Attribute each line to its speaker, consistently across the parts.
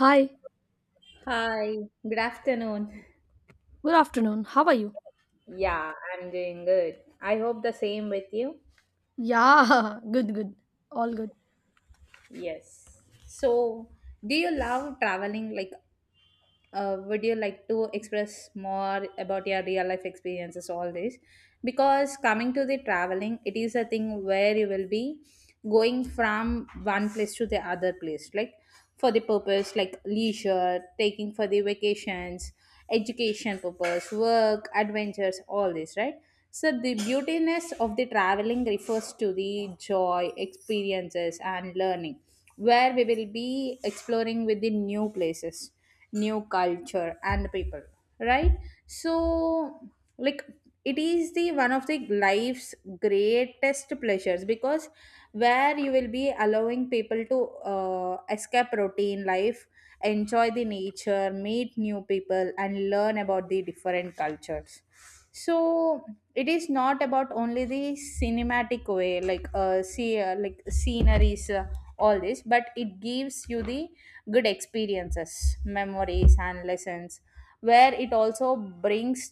Speaker 1: Hi,
Speaker 2: Hi, good afternoon.
Speaker 1: good afternoon. How are you?
Speaker 2: Yeah, I'm doing good. I hope the same with you.
Speaker 1: Yeah, good. All good.
Speaker 2: Yes. So, do you love traveling? Would you like to express more about your real life experiences all this, because coming to the traveling, it is a thing where you will be going from one place to the other place, like for the purpose like leisure, taking for the vacations, education purpose, work, adventures, all this, right? So the beautiness of the traveling refers to the joy, experiences and learning, where we will be exploring with the new places, new culture and people, right? So like it is the one of the life's greatest pleasures, because where you will be allowing people to escape routine life, enjoy the nature, meet new people and learn about the different cultures. So it is not about only the cinematic way, like see like sceneries, all this, but it gives you the good experiences, memories and lessons, where it also brings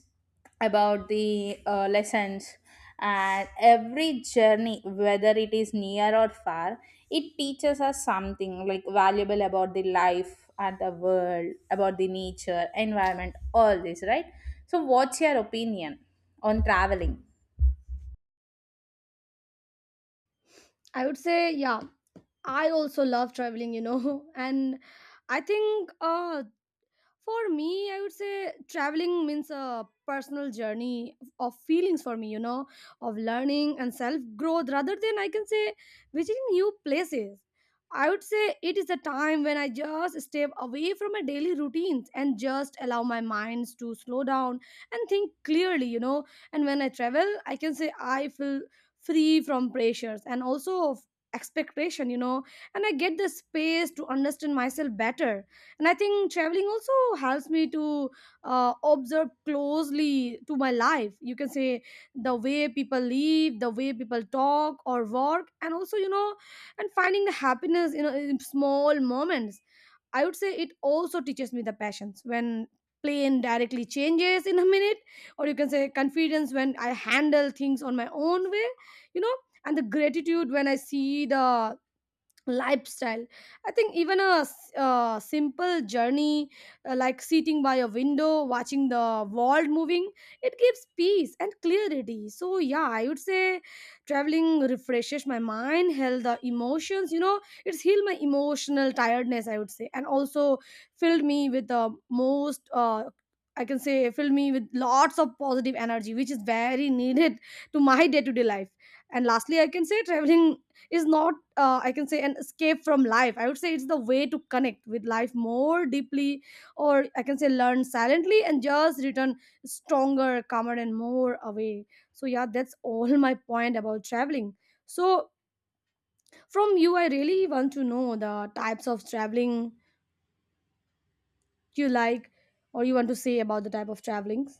Speaker 2: about the lessons. And every journey, whether it is near or far, it teaches us something like valuable about the life and the world, about the nature, environment, all this, right? So what's your opinion on traveling?
Speaker 1: I would say, yeah, I also love traveling, you know, and I think for me, I would say traveling means a personal journey of feelings for me, you know, of learning and self growth rather than I can say visiting new places. I would say it is a time when I just step away from my daily routines and just allow my minds to slow down and think clearly, you know. And when I travel, I can say I feel free from pressures and also of expectation, you know, and I get the space to understand myself better, and I think traveling also helps me to observe closely to my life. You can say the way people live, the way people talk or work, and also, you know, and finding the happiness, you know, in small moments. I would say it also teaches me the passions when plane directly changes in a minute, or you can say confidence when I handle things on my own way, you know, and the gratitude when I see the lifestyle. I think even a simple journey, like sitting by a window watching the world moving, it gives peace and clarity. So yeah, I would say traveling refreshes my mind, heal the emotions, you know. It's healed my emotional tiredness, I would say, and also filled me with the most I can say filled me with lots of positive energy, which is very needed to my day-to-day life. And lastly, I can say traveling is not I can say an escape from life. I would say it's the way to connect with life more deeply, or I can say learn silently and just return stronger, calmer, and more away. So yeah, that's all my point about traveling. So from you, I really want to know the types of traveling you like, or you want to say about the type of travelings.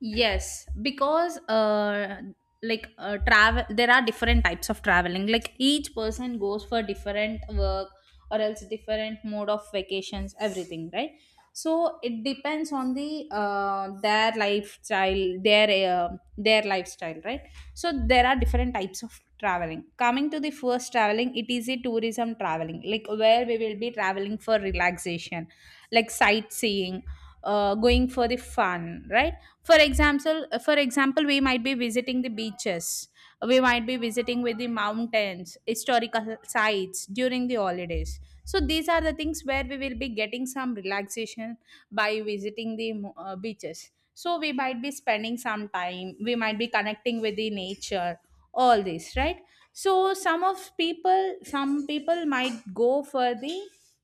Speaker 2: Yes, because like travel, there are different types of traveling. Like each person goes for different work or else different mode of vacations, everything, right? So it depends on their lifestyle, their lifestyle, right? So there are different types of traveling. Coming to the first traveling, it is a tourism traveling, like where we will be traveling for relaxation, like sightseeing, going for the fun, right? For example, we might be visiting the beaches, we might be visiting with the mountains, historical sites during the holidays. So these are the things where we will be getting some relaxation by visiting the beaches, so we might be spending some time, we might be connecting with the nature, all this, right? So some of people some people might go for the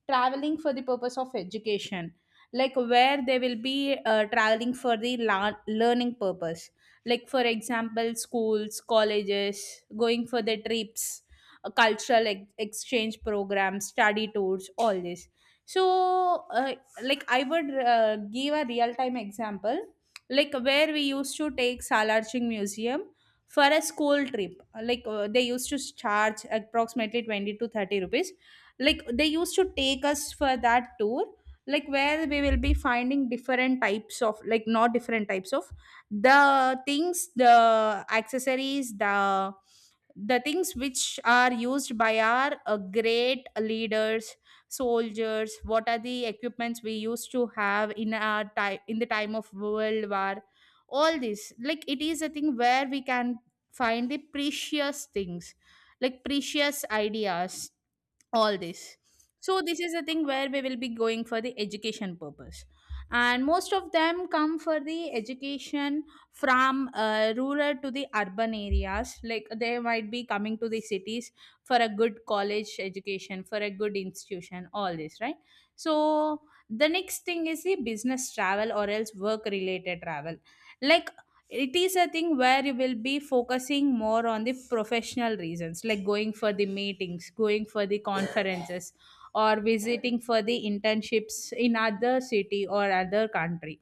Speaker 2: traveling for the purpose of education, like where they will be traveling for the learning purpose, like for example schools, colleges going for the trips, cultural exchange programs, study tours, all this. So I would give a real time example, like where we used to take salarching museum for a school trip, like they used to charge approximately 20 to 30 rupees, like they used to take us for that tour, like where we will be finding different types of, like not different types of the things, the accessories, the things which are used by our great leaders, soldiers. What are the equipments we used to have in our time, in the time of world war, all this? Like it is a thing where we can find the precious things, like precious ideas, all this. So this is the thing where we will be going for the education purpose, and most of them come for the education from rural to the urban areas, like they might be coming to the cities for a good college education, for a good institution, all this, right? So the next thing is the business travel or else work related travel. Like it is a thing where you will be focusing more on the professional reasons, like going for the meetings, going for the conferences, or visiting for the internships in other city or other country.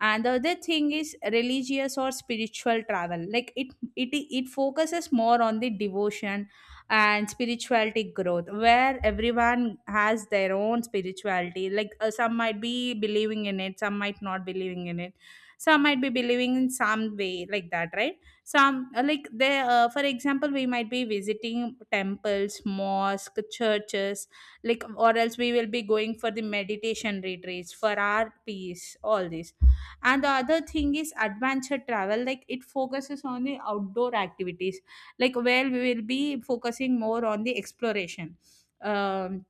Speaker 2: And the other thing is religious or spiritual travel. It focuses more on the devotion and spirituality growth, where everyone has their own spirituality, like some might be believing in it, some might not believing in it, some might be believing in some way like that, right? Some like they for example, we might be visiting temples, mosque, churches, like or else we will be going for the meditation retreats for our peace, all this. And the other thing is adventure travel. Like it focuses on the outdoor activities, like where we will be focusing more on the exploration, um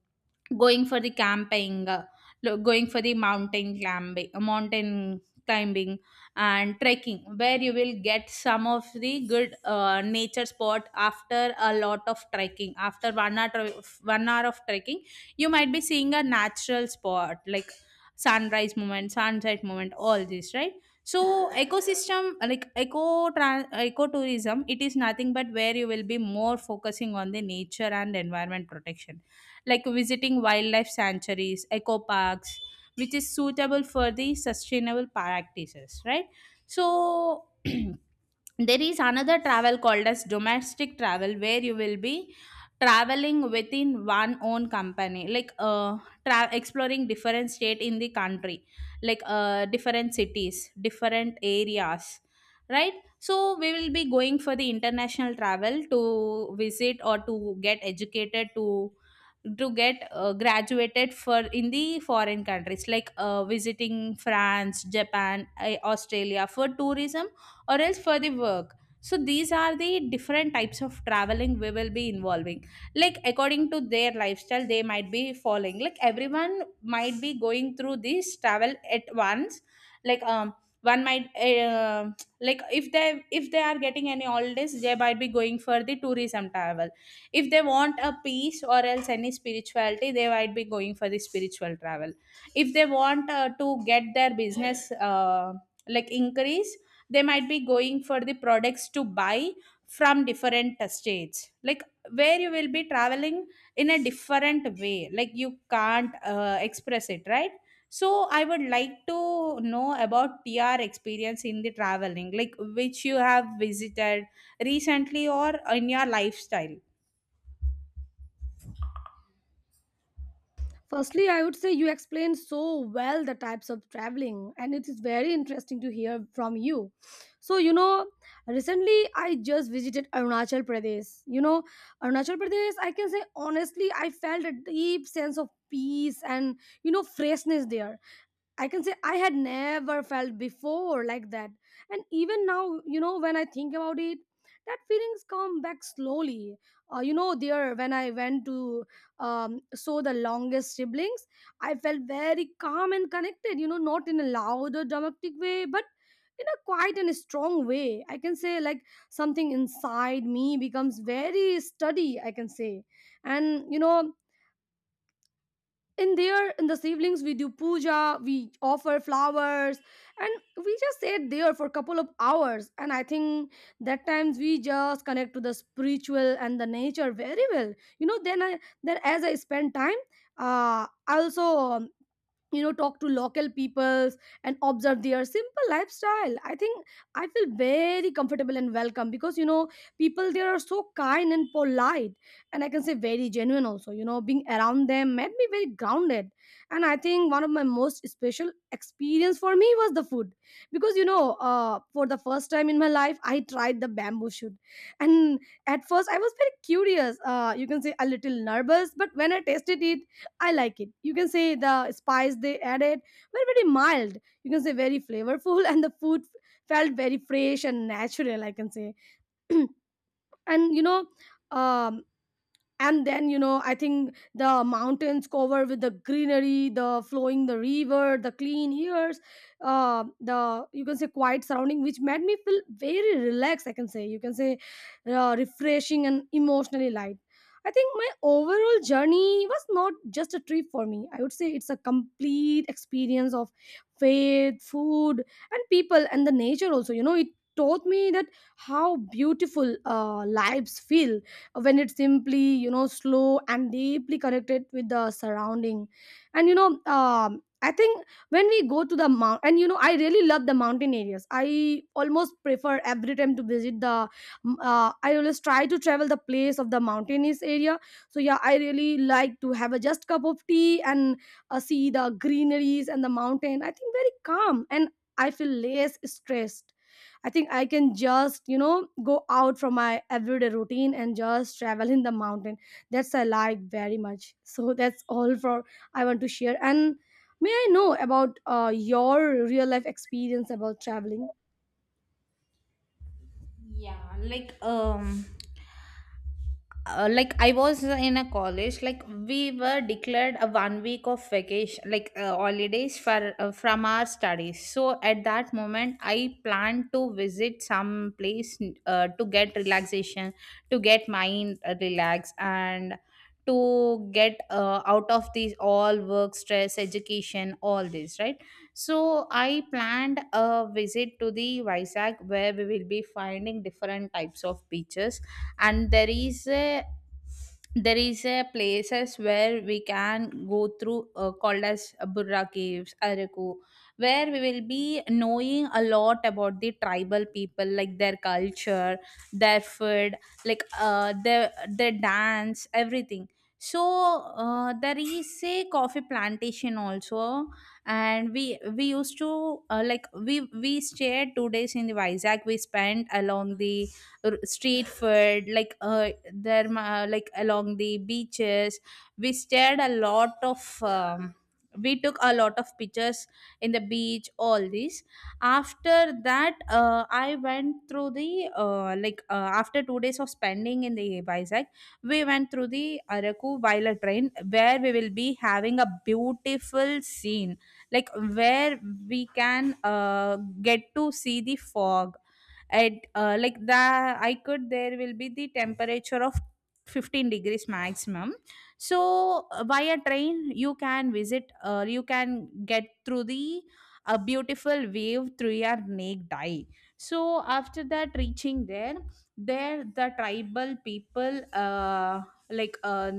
Speaker 2: going for the camping, going for the mountain climbing, mountain climbing and trekking, where you will get some of the good nature spot after a lot of trekking. After 1 hour, one hour of trekking, you might be seeing a natural spot like sunrise moment, sunset moment, all this, right? So ecosystem, like ecotourism, it is nothing but where you will be more focusing on the nature and environment protection, like visiting wildlife sanctuaries, eco parks, which is suitable for the sustainable practices, right? So there is another travel called as domestic travel, where you will be traveling within one own company, like exploring different state in the country, like different cities, different areas, right? So we will be going for the international travel to visit or to get educated, to get graduated for in the foreign countries, like visiting France, Japan, Australia for tourism or else for the work. So these are the different types of traveling we will be involving, like according to their lifestyle they might be following, like everyone might be going through this travel at once. Like um one might uh, like if they, if they are getting any holidays, they might be going for the tourism travel. If they want a peace or else any spirituality, they might be going for the spiritual travel. If they want to get their business uh, like increase, they might be going for the products to buy from different states, like where you will be traveling in a different way, like you can't express it, right? So I would like to know about tr experience in the traveling, like which you have visited recently or in your lifestyle.
Speaker 1: Firstly, I would say you explained so well the types of traveling, and it is very interesting to hear from you. So, you know, recently I just visited Arunachal Pradesh. You know, Arunachal Pradesh, I can say honestly, I felt a deep sense of peace and, you know, freshness there. I can say I had never felt before like that. And even now, you know, when I think about it, that feelings come back slowly. You know, there when I went to so the longest siblings, I felt very calm and connected. You know, not in a loud or dramatic way, but in a quiet and strong way. I can say like something inside me becomes very steady, I can say. And you know, in there in the siblings, we do puja, we offer flowers, and we just stayed there for a couple of hours, and I think that times we just connect to the spiritual and the nature very well, you know. Then as I spend time, I also you know, talk to local peoples and observe their simple lifestyle. I think I feel very comfortable and welcome, because, you know, people there are so kind and polite, and I can say very genuine also. You know, being around them made me very grounded, and I think one of my most special experience for me was the food. Because, you know, for the first time in my life I tried the bamboo shoot. And at first I was very curious, you can say a little nervous, but when I tasted it, I like it. You can say the spice they added were very mild. You can say very flavorful, and the food felt very fresh and natural, I can say. And you know, um, and then, you know, I think the mountains covered with the greenery, the flowing the river, the clean airs, the, you can say, quiet surrounding, which made me feel very relaxed, I can say. You can say refreshing and emotionally light. I think my overall journey was not just a trip for me. I would say it's a complete experience of faith, food, and people, and the nature also. You know, it taught me that how beautiful lives feel when it's simply, you know, slow and deeply connected with the surrounding. And you know, I think when we go to the mount, and you know, I really love the mountain areas. I almost prefer every time to visit the I always try to travel the place of the mountainous area. So yeah, I really like to have a just cup of tea and see the greeneries and the mountain. I think very calm, and I feel less stressed. I think I can just, you know, go out from my everyday routine and just travel in the mountain. That's I like very much. So that's all for I want to share. And may I know about your real life experience about traveling?
Speaker 2: Yeah, I was in a college, like we were declared a 1 week of vacation, like holidays for from our studies. So at that moment, I planned to visit some place to get relaxation, to get mind relaxed, and to get out of these all work stress, education, all this, right? So I planned a visit to the Vizag, where we will be finding different types of beaches, and there is a places where we can go through, called as Burra Caves, Araku, where we will be knowing a lot about the tribal people, like their culture, their food, like their dance, everything. So there is a coffee plantation also, and we used to, like we stayed 2 days in the Vizag. We spent along the street food, like like along the beaches, we stared a lot of, we took a lot of pictures in the beach, all these. After that, I went through the, after 2 days of spending in the Vizag, we went through the Araku Violet train, where we will be having a beautiful scene, like where we can get to see the fog at, like the I could there will be the temperature of 15 degrees maximum. So via train you can visit, you can get through the a beautiful wave through your naked eye. So after that reaching there, there the tribal people, like uh,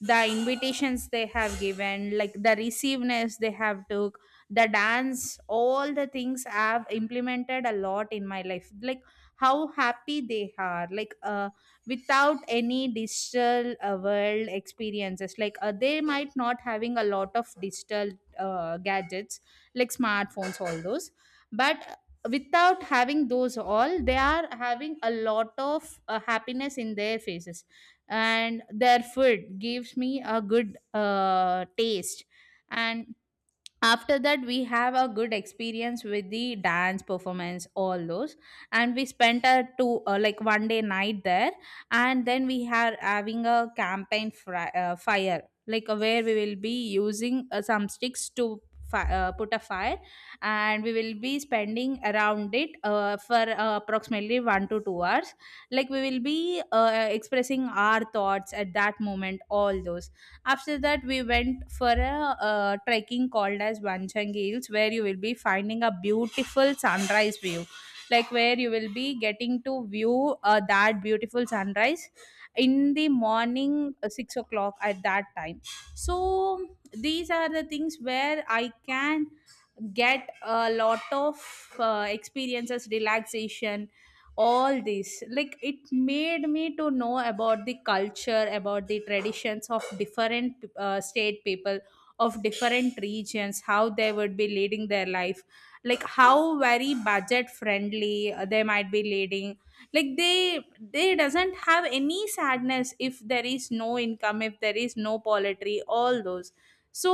Speaker 2: the invitations they have given, like the receiveness they have to, the dance, all the things I've implemented a lot in my life, like how happy they are, like without any digital world experiences, like they might not having a lot of digital gadgets, like smartphones, all those. But without having those all, they are having a lot of happiness in their faces, and their food gives me a good taste. And after that we have a good experience with the dance performance, all those, and we spent a two, like 1 day night there. And then we are having a campaign fire, like where we will be using some sticks to put a fire, and we will be spending around it for approximately 1 to 2 hours, like we will be expressing our thoughts at that moment, all those. After that, we went for a trekking called as Vanchang Hills, where you will be finding a beautiful sunrise view, like where you will be getting to view that beautiful sunrise in the morning 6 o'clock at that time. So these are the things where I can get a lot of experiences, relaxation, all this. Like it made me to know about the culture, about the traditions of different state people of different regions, how they would be leading their life, like how very budget friendly they might be leading. Like they doesn't have any sadness if there is no income, if there is no poultry, all those. so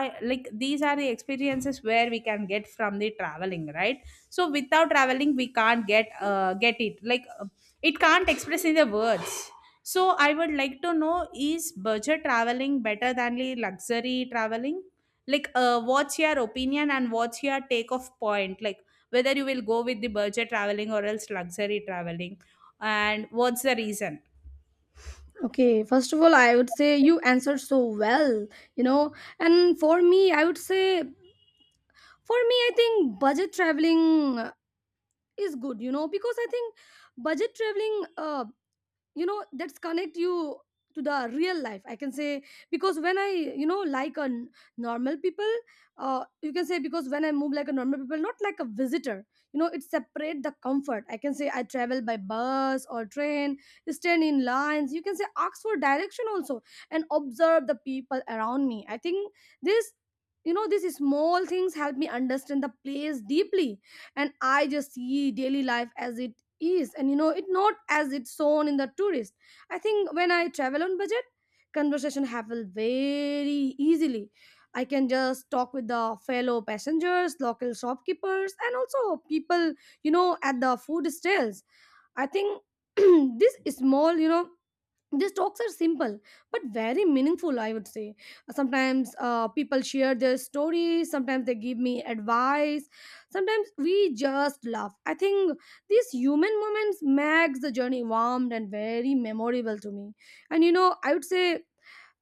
Speaker 2: i like these are the experiences where we can get from the traveling, right? So without traveling we can't get it, like it can't express in the words. So I would like to know, is budget traveling better than the luxury traveling? Like what's your opinion and what's your take off point, like whether you will go with the budget traveling or else luxury traveling, and what's the reason?
Speaker 1: Okay, first of all, I would say you answered so well, you know. And for me, I would say, for me, I think budget traveling is good, you know, because I think budget traveling you know, that's connect you to the real life, I can say. Because when I, you know, like a normal people, you can say, because when I move like a normal people, not like a visitor, you know, it separate the comfort, I can say. I travel by bus or train, stand in lines, you can say ask for direction also, and observe the people around me. I think this, you know, these small things help me understand the place deeply, and I just see daily life as it is, and you know, it not as it's shown in the tourist. I think when I travel on budget, conversation happen very easily. I can just talk with the fellow passengers, local shopkeepers, and also people, you know, at the food stalls. I think this small, you know, these talks are simple but very meaningful, I would say. Sometimes people share their stories, sometimes they give me advice, sometimes we just laugh. I think these human moments makes the journey warm and very memorable to me. And you know, I would say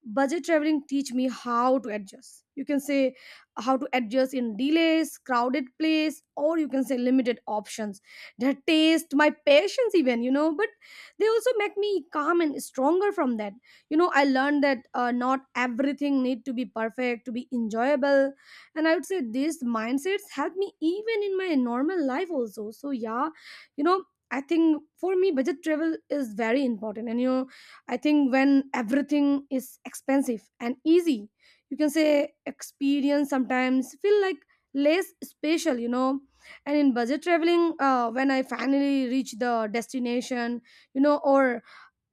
Speaker 1: budget traveling teach me how to adjust, you can say. How to adjust in delays, crowded place, or you can say limited options. That taste my patience even, you know, but they also make me calm and stronger. From that, you know, I learned that not everything need to be perfect to be enjoyable. And I would say these mindsets help me even in my normal life also. So yeah, you know, I think for me budget travel is very important. And you know, I think when everything is expensive and easy, you can say experience sometimes feel like less special, you know. And in budget traveling, when I finally reach the destination, you know, or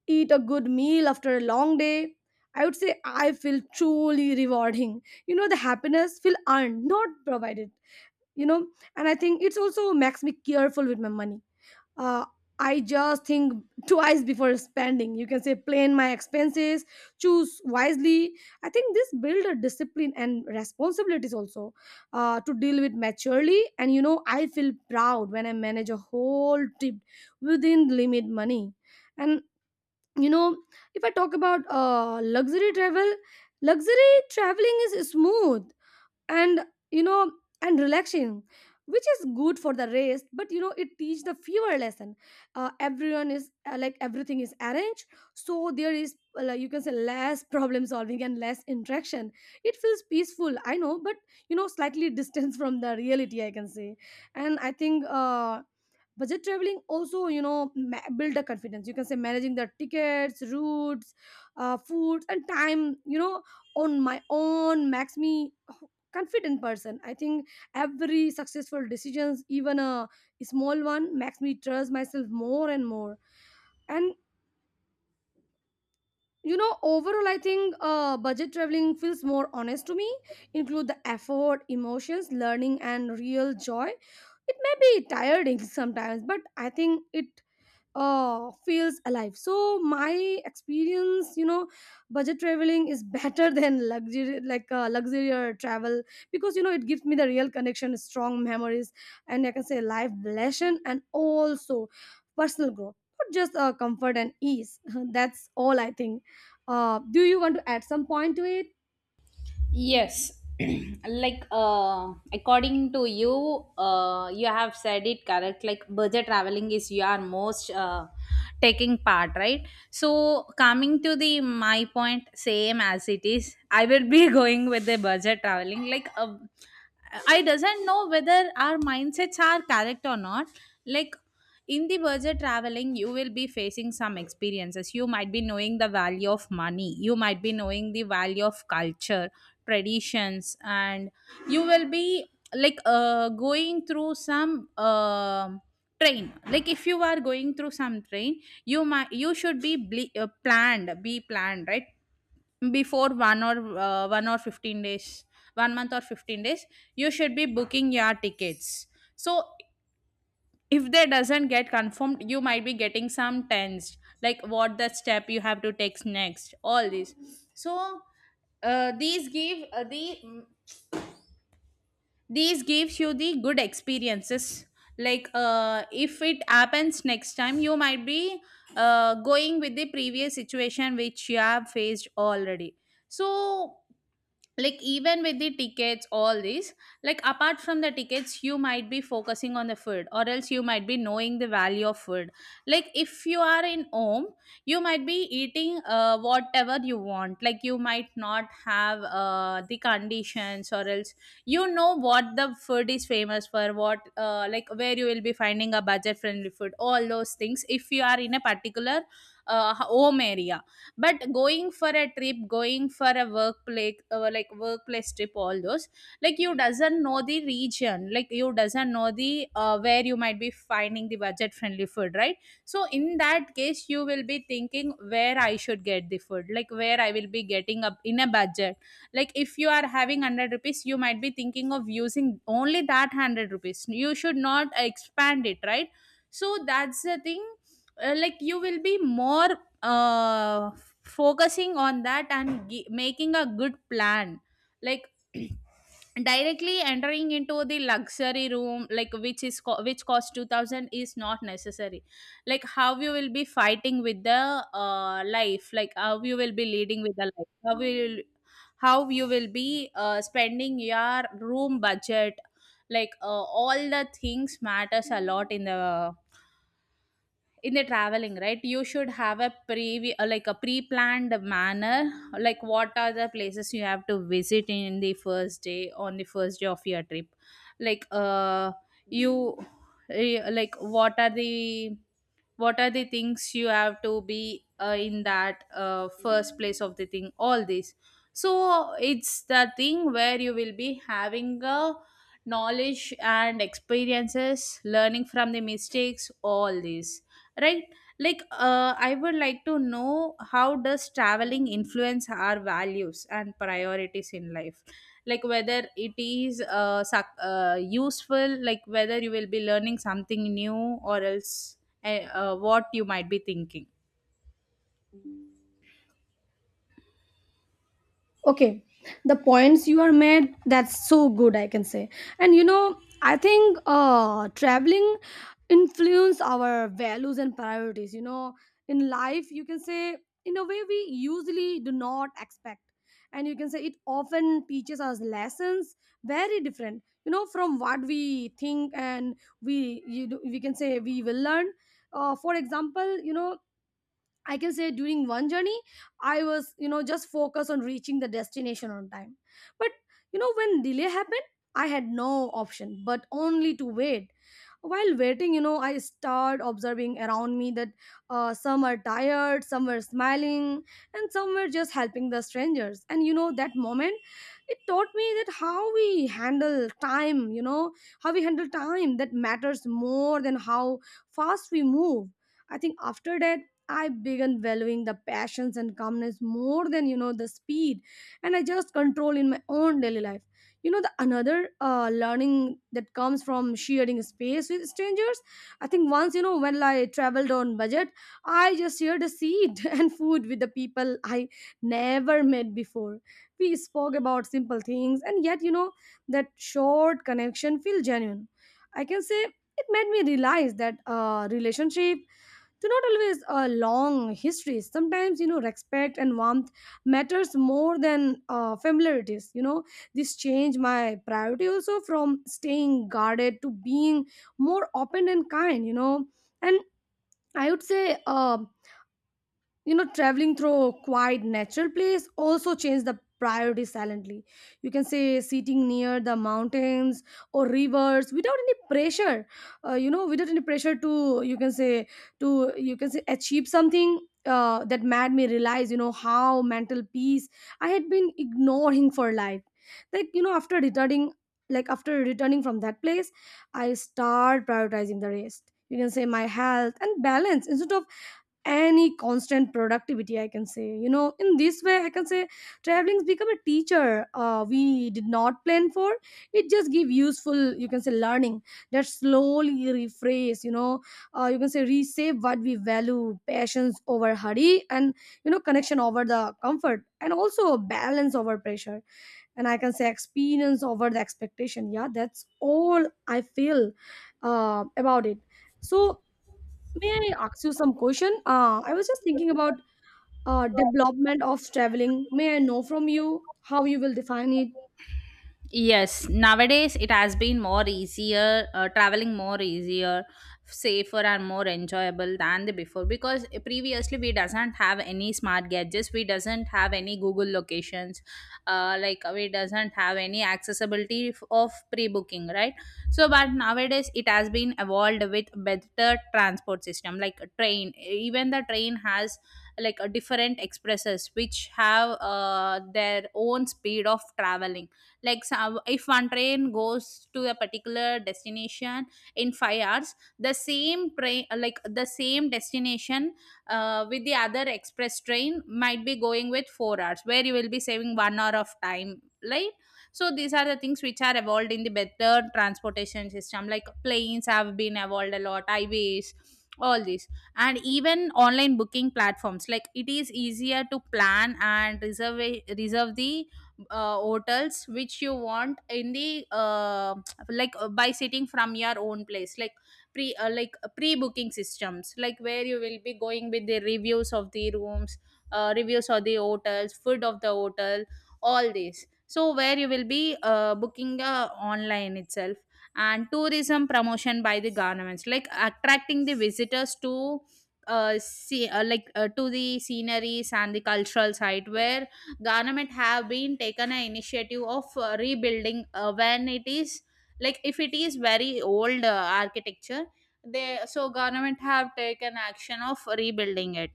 Speaker 1: eat a good meal after a long day, I would say I feel truly rewarding. You know, the happiness feel earned, not provided. You know, and I think it's also makes me careful with my money. uh, I just think twice before spending. You can say plan my expenses, choose wisely. I think this build a discipline and responsibilities also, to deal with maturely. And you know, I feel proud when I manage a whole trip within limit money. And you know, if I talk about luxury travel, luxury traveling is smooth and you know and relaxing, which is good for the rest. But you know, it teach the fever lesson. Everyone is like everything is arranged, so there is like you can say less problem solving and less interaction. It feels peaceful, I know, but slightly distance from the reality, I can say. And I think budget traveling also, you know, build the confidence, you can say managing the tickets, routes, foods and time, you know, on my own makes me confident person, I think. Every successful decisions, even a small one, makes me trust myself more and more. And you know, overall I think budget traveling feels more honest to me, include the effort, emotions, learning and real joy. It may be tiring sometimes, but I think it feels alive. So my experience, you know, budget traveling is better than luxury, like luxury or travel, because you know, it gives me the real connection, strong memories, and I can say life lesson, and also personal growth, not just comfort and ease. That's all I think. Do you want to add some point to it?
Speaker 2: Yes, like according to you, you have said it correct. Like budget traveling is your most taking part, right? So coming to the my point, same as it is, I will be going with the budget traveling. Like I doesn't know whether our mindsets are correct or not. Like in the budget traveling you will be facing some experiences, you might be knowing the value of money, you might be knowing the value of culture, traditions, and you will be like going through some train. Like if you are going through some train, you might, you should be planned, right? Before one or one or 15 days, one month or 15 days, you should be booking your tickets. So if they doesn't get confirmed, you might be getting some tensed, like what the step you have to take next, all these. So uh, these give uh, the these gives you the good experiences. Like if it happens next time, you might be going with the previous situation which you have faced already. So like even with the tickets all these, like apart from the tickets, you might be focusing on the food or else you might be knowing the value of food. Like if you are in home, you might be eating whatever you want. Like you might not have the conditions or else you know what the food is famous for, what like where you will be finding a budget friendly food, all those things, if you are in a particular home area. But going for a trip, going for a workplace like workplace trip, all those, like you doesn't know the region, like you doesn't know the where you might be finding the budget friendly food, right? So in that case you will be thinking where I should get the food, like where I will be getting up in a budget. Like if you are having 100 rupees, you might be thinking of using only that 100 rupees, you should not expand it, right? So that's the thing. Like you will be more uh, focusing on that and making a good plan. Like directly entering into the luxury room, like which costs 2000 is not necessary. Like how you will be fighting with the life, like how you will be leading with the life, how you will, how you will be spending your room budget. Like all the things matters a lot in the traveling, right? You should have a pre-planned manner. Like what are the places you have to visit in the first day, on the first day of your trip. Like you like what are the, what are the things you have to be in that first place of the thing, all this. So it's the thing where you will be having a knowledge and experiences, learning from the mistakes, all this, right? Like I would like to know, how does traveling influence our values and priorities in life? Like whether it is useful, like whether you will be learning something new or else what you might be thinking?
Speaker 1: Okay, the points you are made, that's so good, I can say. And you know, I think traveling influence our values and priorities. You know, in life, you can say, in a way, we usually do not expect. And you can say it often teaches us lessons very different, you know, from what we think and we you do, we can say, we will learn. For example, you know, I can say during one journey, I was, you know, just focused on reaching the destination on time. But, you know, when delay happened, I had no option but only to wait. While waiting, you know, I started observing around me that some are tired, some were smiling, and some were just helping the strangers. And, you know, that moment, it taught me that how we handle time, you know, how we handle time that matters more than how fast we move. I think after that, I began valuing the passions and calmness more than, you know, the speed, and I just control in my own daily life. You know, the another learning that comes from sharing space with strangers. I think once, you know, when I traveled on budget, I just shared a seat and food with the people I never met before. We spoke about simple things, and yet, you know, that short connection feel genuine. I can say it made me realize that relationship do not always a long histories. Sometimes, you know, respect and warmth matters more than familiarities, you know. This changed my priority also from staying guarded to being more open and kind, you know. And I would say, you know, traveling through a quiet natural place also changed the priority silently. You can say sitting near the mountains or rivers without any pressure, without any pressure to, you can say, achieve something. That made me realize, you know, how mental peace I had been ignoring for life. Like, you know, after returning from that place, I start prioritizing the rest, you can say my health and balance, instead of any constant productivity, I can say. You know, in this way, I can say traveling's become a teacher we did not plan for. It just give useful, you can say, learning that slowly rephrase, you know, you can say resave what we value: passions over hurry, and you know, connection over the comfort, and also balance over pressure, and I can say experience over the expectation. Yeah, that's all I feel about it. So may I ask you some question? I was just thinking about development of traveling. May I know from you how you will define it?
Speaker 2: Yes, nowadays it has been more easier, traveling more easier, safer and more enjoyable than the before, because previously we doesn't have any smart gadgets, we doesn't have any Google locations, like we doesn't have any accessibility of pre-booking, right? So but nowadays it has been evolved with better transport system like a train. Even the train has like a different expresses which have their own speed of traveling. Like some, if one train goes to a particular destination in 5 hours, the same train, like the same destination with the other express train, might be going with 4 hours, where you will be saving 1 hour of time, right? So these are the things which are evolved in the better transportation system, like planes have been evolved a lot, highways, all these. And even online booking platforms, like it is easier to plan and reserve the hotels which you want in the by sitting from your own place. Like pre booking systems, like where you will be going with the reviews of the rooms, reviews of the hotels, food of the hotel, all this. So where you will be booking online itself. And tourism promotion by the governments, like attracting the visitors to see like to the sceneries and the cultural site, where government have been taken an initiative of rebuilding when it is, like if it is very old architecture, they so government have taken action of rebuilding it.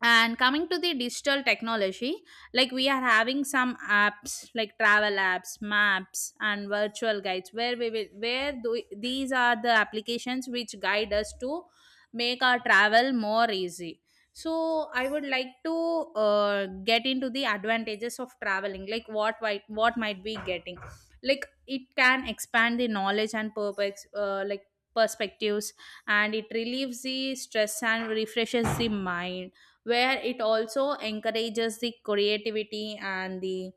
Speaker 2: And coming to the digital technology, like we are having some apps like travel apps, maps and virtual guides, where we will where do, these are the applications which guide us to make our travel more easy. So I would like to get into the advantages of traveling, like what might be getting. Like it can expand the knowledge and purpose like perspectives, and it relieves the stress and refreshes the mind, where it also encourages the creativity and the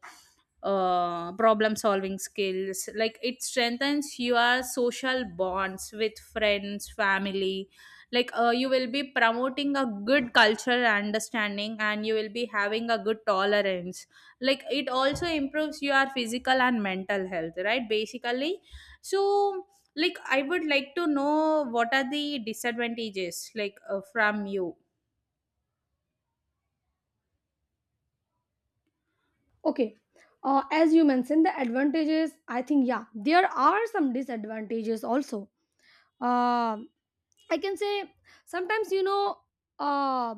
Speaker 2: problem solving skills. Like it strengthens your social bonds with friends, family. Like you will be promoting a good cultural understanding, and you will be having a good tolerance. Like it also improves your physical and mental health, right, basically. So like I would like to know what are the disadvantages, like from you?
Speaker 1: Okay. As you mentioned, the advantages, I think, yeah, there are some disadvantages also. Uh, I can say sometimes, you know, uh,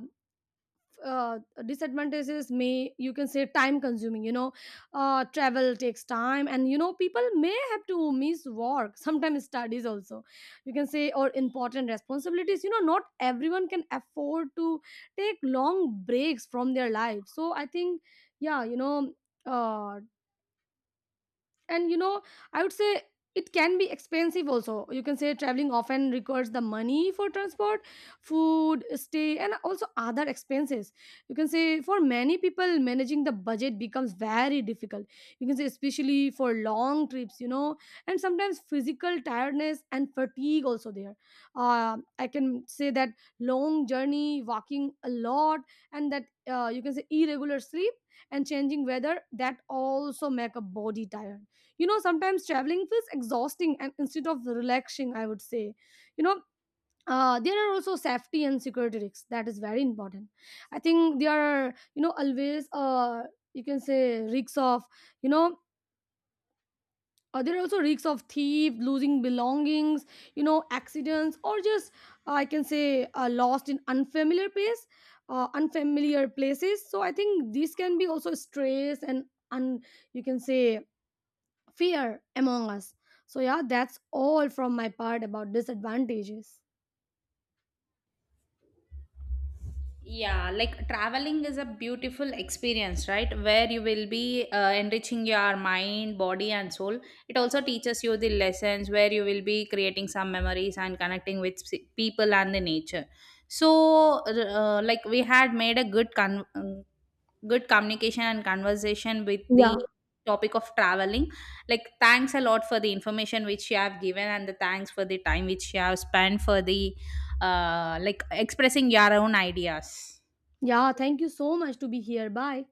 Speaker 1: uh, disadvantages may, you can say, time consuming, you know. Travel takes time, and you know, people may have to miss work, sometimes studies also, you can say, or important responsibilities. You know, not everyone can afford to take long breaks from their life. So I think, yeah, you know, uh, and you know, I would say it can be expensive also. You can say traveling often requires the money for transport, food, stay, and also other expenses. You can say for many people, managing the budget becomes very difficult, you can say especially for long trips, you know. And sometimes physical tiredness and fatigue also there. I can say that long journey, walking a lot, and that you can say irregular sleep and changing weather, that also make a body tired. You know, sometimes traveling feels exhausting and instead of relaxing, I would say, you know, there are also safety and security risks. That is very important. I think there are, you know, always you can say risks of, you know there are also risks of thief, losing belongings, you know, accidents, or just I can say lost in unfamiliar place unfamiliar places. So I think this can be also stress and un, you can say fear among us. So yeah, that's all from my part about disadvantages.
Speaker 2: Yeah, like traveling is a beautiful experience, right? Where you will be enriching your mind, body, and soul. It also teaches you the lessons, where you will be creating some memories and connecting with people and the nature. So like we had made a good good communication and conversation with the
Speaker 1: Yeah.
Speaker 2: topic of traveling. Like, thanks a lot for the information which you have given, and the thanks for the time which you have spent for the like expressing your own ideas.
Speaker 1: Yeah, thank you so much to be here. Bye.